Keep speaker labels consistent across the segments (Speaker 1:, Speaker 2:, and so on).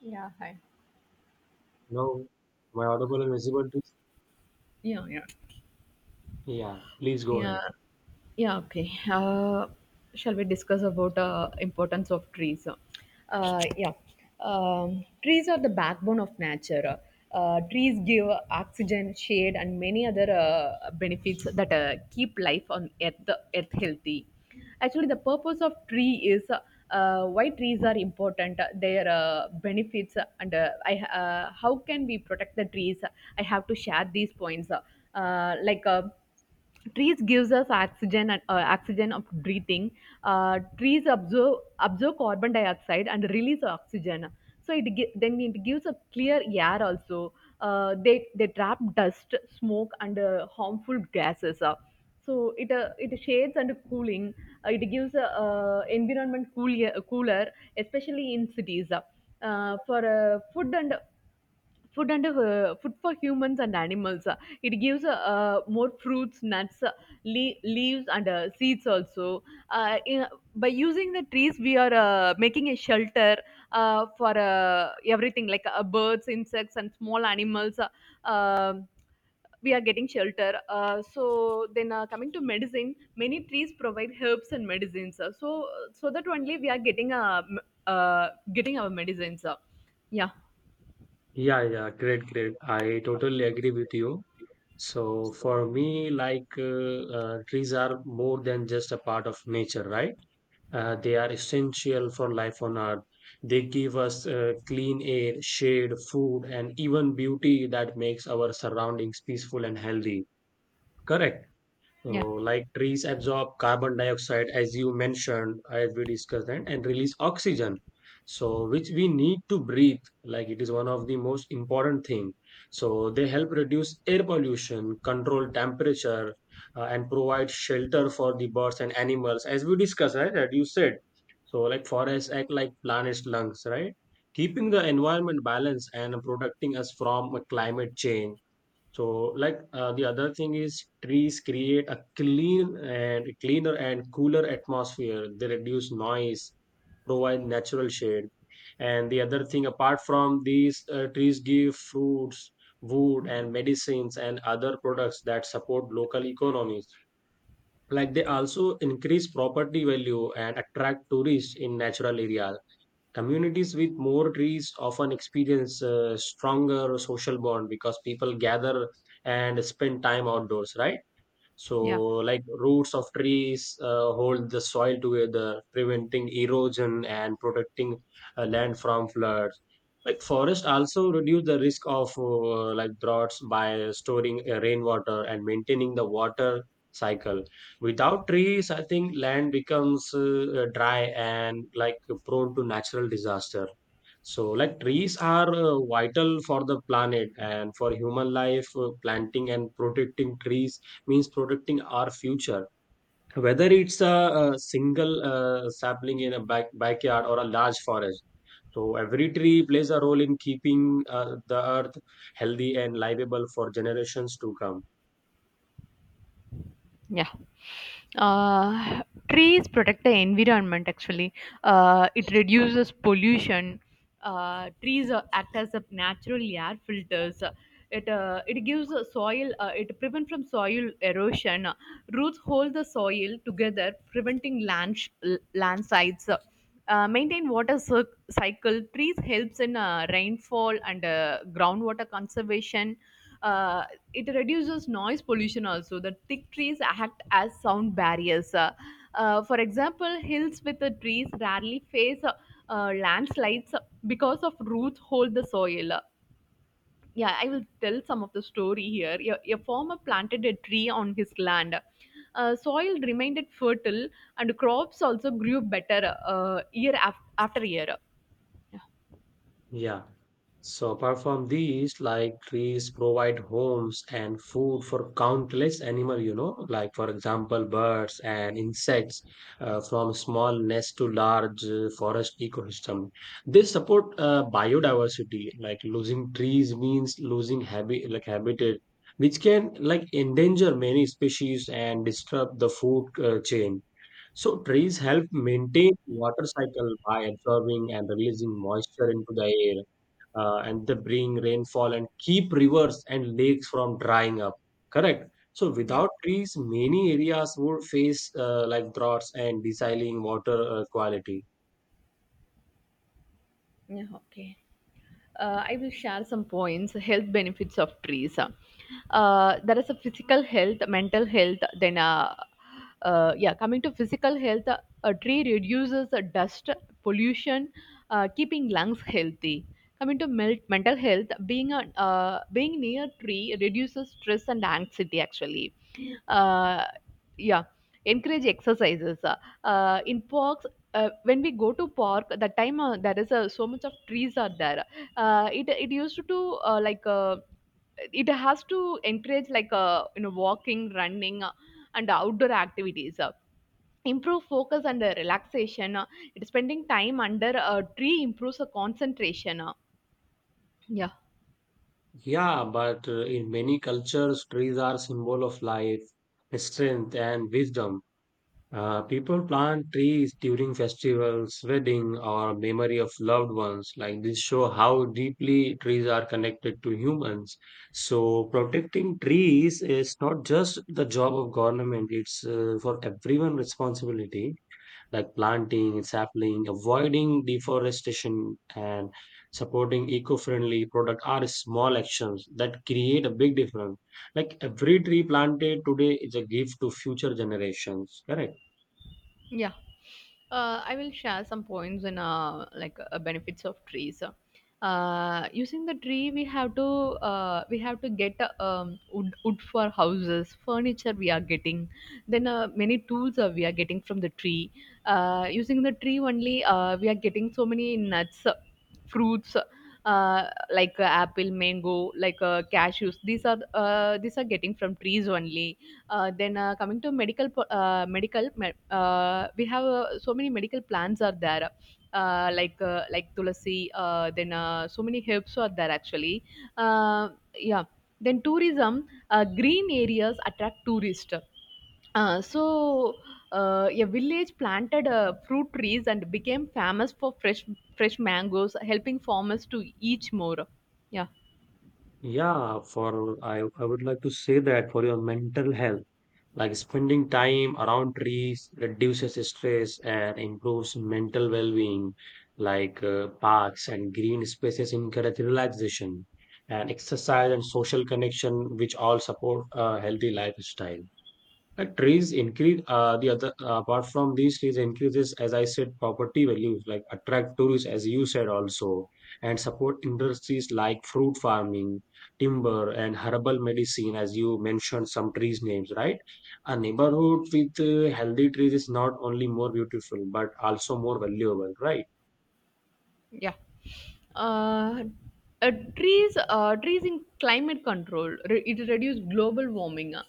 Speaker 1: Y e a Hi.
Speaker 2: No, my audible is visible too.
Speaker 1: Y e a h y e a h
Speaker 2: Yeah, please go
Speaker 1: Yeah,
Speaker 2: ahead.
Speaker 1: yeah, Okay. Shall we discuss about importance of trees? Yeah, trees are the backbone of nature. Trees give oxygen, shade, and many other benefits that keep life on earth healthy. Actually, the purpose of tree is why trees are important, their benefits, and how can we protect the trees? I have to share these points. Trees gives us oxygen and oxygen of breathing. Uh, trees absorb carbon dioxide and release oxygen, so then it gives a clear air also. They trap dust, smoke and harmful gases, so it shades and cooling. It gives a cooler especially in cities, for food for humans and animals. It gives more fruits, nuts, leaves, and seeds also. In, by using the trees, we are making a shelter for everything like birds, insects, and small animals. Um, we are getting shelter. So then, coming to medicine, many trees provide herbs and medicines. So that only we are getting getting our medicines. Yeah,
Speaker 2: Yeah, yeah, great. I totally agree with you. So for me, trees are more than just a part of nature, right? They are essential for life on Earth. They give us clean air, shade, food, and even beauty that makes our surroundings peaceful and healthy. Correct. So,
Speaker 1: yeah,
Speaker 2: like trees absorb carbon dioxide, as you mentioned, as we discussed, and release oxygen. So, which we need to breathe. Like it is one of the most important thing. So, they help reduce air pollution, control temperature, and provide shelter for the birds and animals, as we discussed, right? That you said. So, like forests act like planet's lungs, right? Keeping the environment balanced and protecting us from climate change. So, the other thing is trees create a cleaner and cooler atmosphere. They reduce noise, provide natural shade, and the other thing, apart from these, trees give fruits, wood and medicines, and other products that support local economies. Like they also increase property value and attract tourists in natural areas. Communities with more trees often experience a stronger social bond because people gather and spend time outdoors, right? So,
Speaker 1: yeah.
Speaker 2: like roots of trees hold the soil together, preventing erosion and protecting land from floods. Like forests also reduce the risk of like droughts by storing rainwater and maintaining the water cycle. Without trees, I think land becomes dry and like prone to natural disaster. So, like trees are vital for the planet and for human life. Planting and protecting trees means protecting our future. Whether it's a single sapling in a backyard or a large forest. So, every tree plays a role in keeping the earth healthy and livable for generations to come.
Speaker 1: Yeah. Uh, trees protect the environment actually. It reduces pollution. Trees act as a natural air filters. It, it gives a soil, it prevents from soil erosion. Roots hold the soil together, preventing landslides. Maintain water cycle. Trees helps in rainfall and groundwater conservation uh, it reduces noise pollution also. The thick trees act as sound barriers. For example, hills with the trees rarely face landslides because of roots hold the soil. Yeah, I will tell some of the story here. A farmer planted a tree on his land. Uh, soil remained fertile and crops also grew better year after year. yeah
Speaker 2: Yeah. So apart from these, like trees provide homes and food for countless animal, you know, like for example, birds and insects, from small nest to large forest ecosystem. They support biodiversity. Like losing trees means losing habitat, which can like endanger many species and disrupt the food chain. So trees help maintain water cycle by absorbing and releasing moisture into the air, and they bring rainfall and keep rivers and lakes from drying up. Correct. So
Speaker 1: yeah
Speaker 2: without trees, many areas would face like droughts and desaling water quality.
Speaker 1: yeah okay. I will share some points, health benefits of trees. There is a physical health, mental health, then yeah, coming to physical health, a tree reduces the dust pollution, keeping lungs healthy. Coming to mental health, being near tree reduces stress and anxiety. Actually, uh, yeah, encourage exercises. In parks, when we go to park, there is so much of trees are there. It used to it has to encourage like, walking, running, and outdoor activities, improve focus and relaxation. Spending time under a tree improves concentration. Yeah
Speaker 2: Yeah, but in many cultures, trees are symbol of life, strength, and wisdom. People plant trees during festivals, wedding, or memory of loved ones. Like this show how deeply trees are connected to humans. So protecting trees is not just the job of government; it's for everyone responsibility. Like planting, sapling, avoiding deforestation, and supporting eco-friendly product are small actions that create a big difference. Like every tree planted today is a gift to future generations. Correct.
Speaker 1: yeah I will share some points in benefits of trees. Using the tree, we have to get wood for houses, furniture we are getting. Then many tools we are getting from the tree. Using the tree only, we are getting so many nuts, fruits, apple, mango, cashews. These are these are getting from trees only. Then coming to medical, we have so many medical plants are there, like tulasi, then so many herbs are there actually. Uh, yeah then tourism, green areas attract tourists. uh, so a village planted fruit trees and became famous for fresh mangoes, helping farmers to eat more. Yeah.
Speaker 2: Yeah, for I would like to say that for your mental health, like spending time around trees reduces stress and improves mental well-being, parks and green spaces encourage relaxation and exercise and social connection, which all support a healthy lifestyle. Trees increase the other apart from these, trees increases, as I said, property values, like attract tourists, as you said also, and support industries like fruit farming, timber, and herbal medicine, as you mentioned some trees names, right? A neighborhood with healthy trees is not only more beautiful but also more valuable, right?
Speaker 1: yeah uh, trees trees in climate control it reduce global warming. Uh,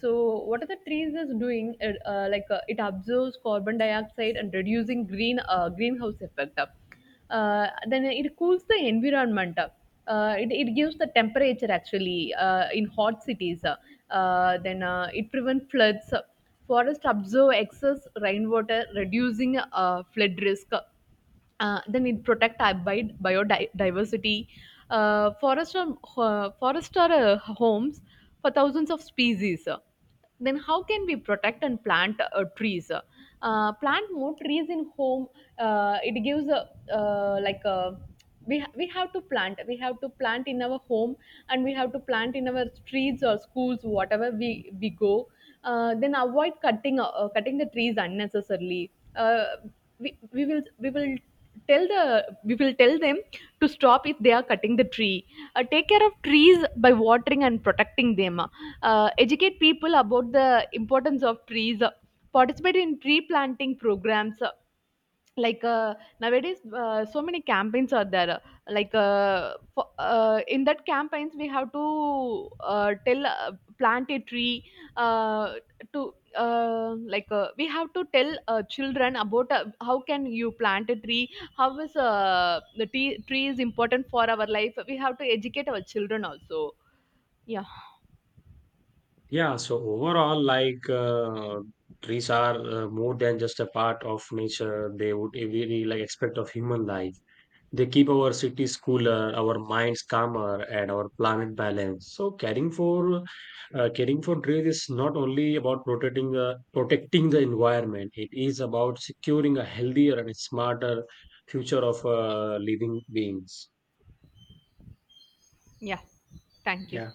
Speaker 1: so what are the trees is doing? Uh, like it absorbs carbon dioxide and reducing greenhouse effect. Uh, then it cools the environment. It gives the temperature actually in hot cities. Uh, then it prevents floods. Uh. forest absorb excess rainwater, reducing flood risk. Then it protect our biodiversity. Forests are homes for thousands of species. Then how can we protect and plant trees? Plant more trees in home. It gives a, like a, we ha- We have to plant. We have to plant in our home and we have to plant in our streets or schools, whatever we go. Then avoid cutting the trees unnecessarily. Uh, we will tell them to stop if they are cutting the tree. Take care of trees by watering and protecting them. Educate people about the importance of trees. Participate in tree planting programs. like uh, Nowadays so many campaigns are there. In that campaigns we have to tell, plant a tree, uh, to like we have to tell children about how can you plant a tree, how is tree is important for our life. We have to educate our children also. yeah
Speaker 2: Yeah, so overall, trees are more than just a part of nature. They would every like aspect of human life. They keep our cities cooler, our minds calmer, and our planet balanced. So caring for trees is not only about protecting the environment. It is about securing a healthier and smarter future of living beings.
Speaker 1: yeah Thank you.
Speaker 2: Yeah.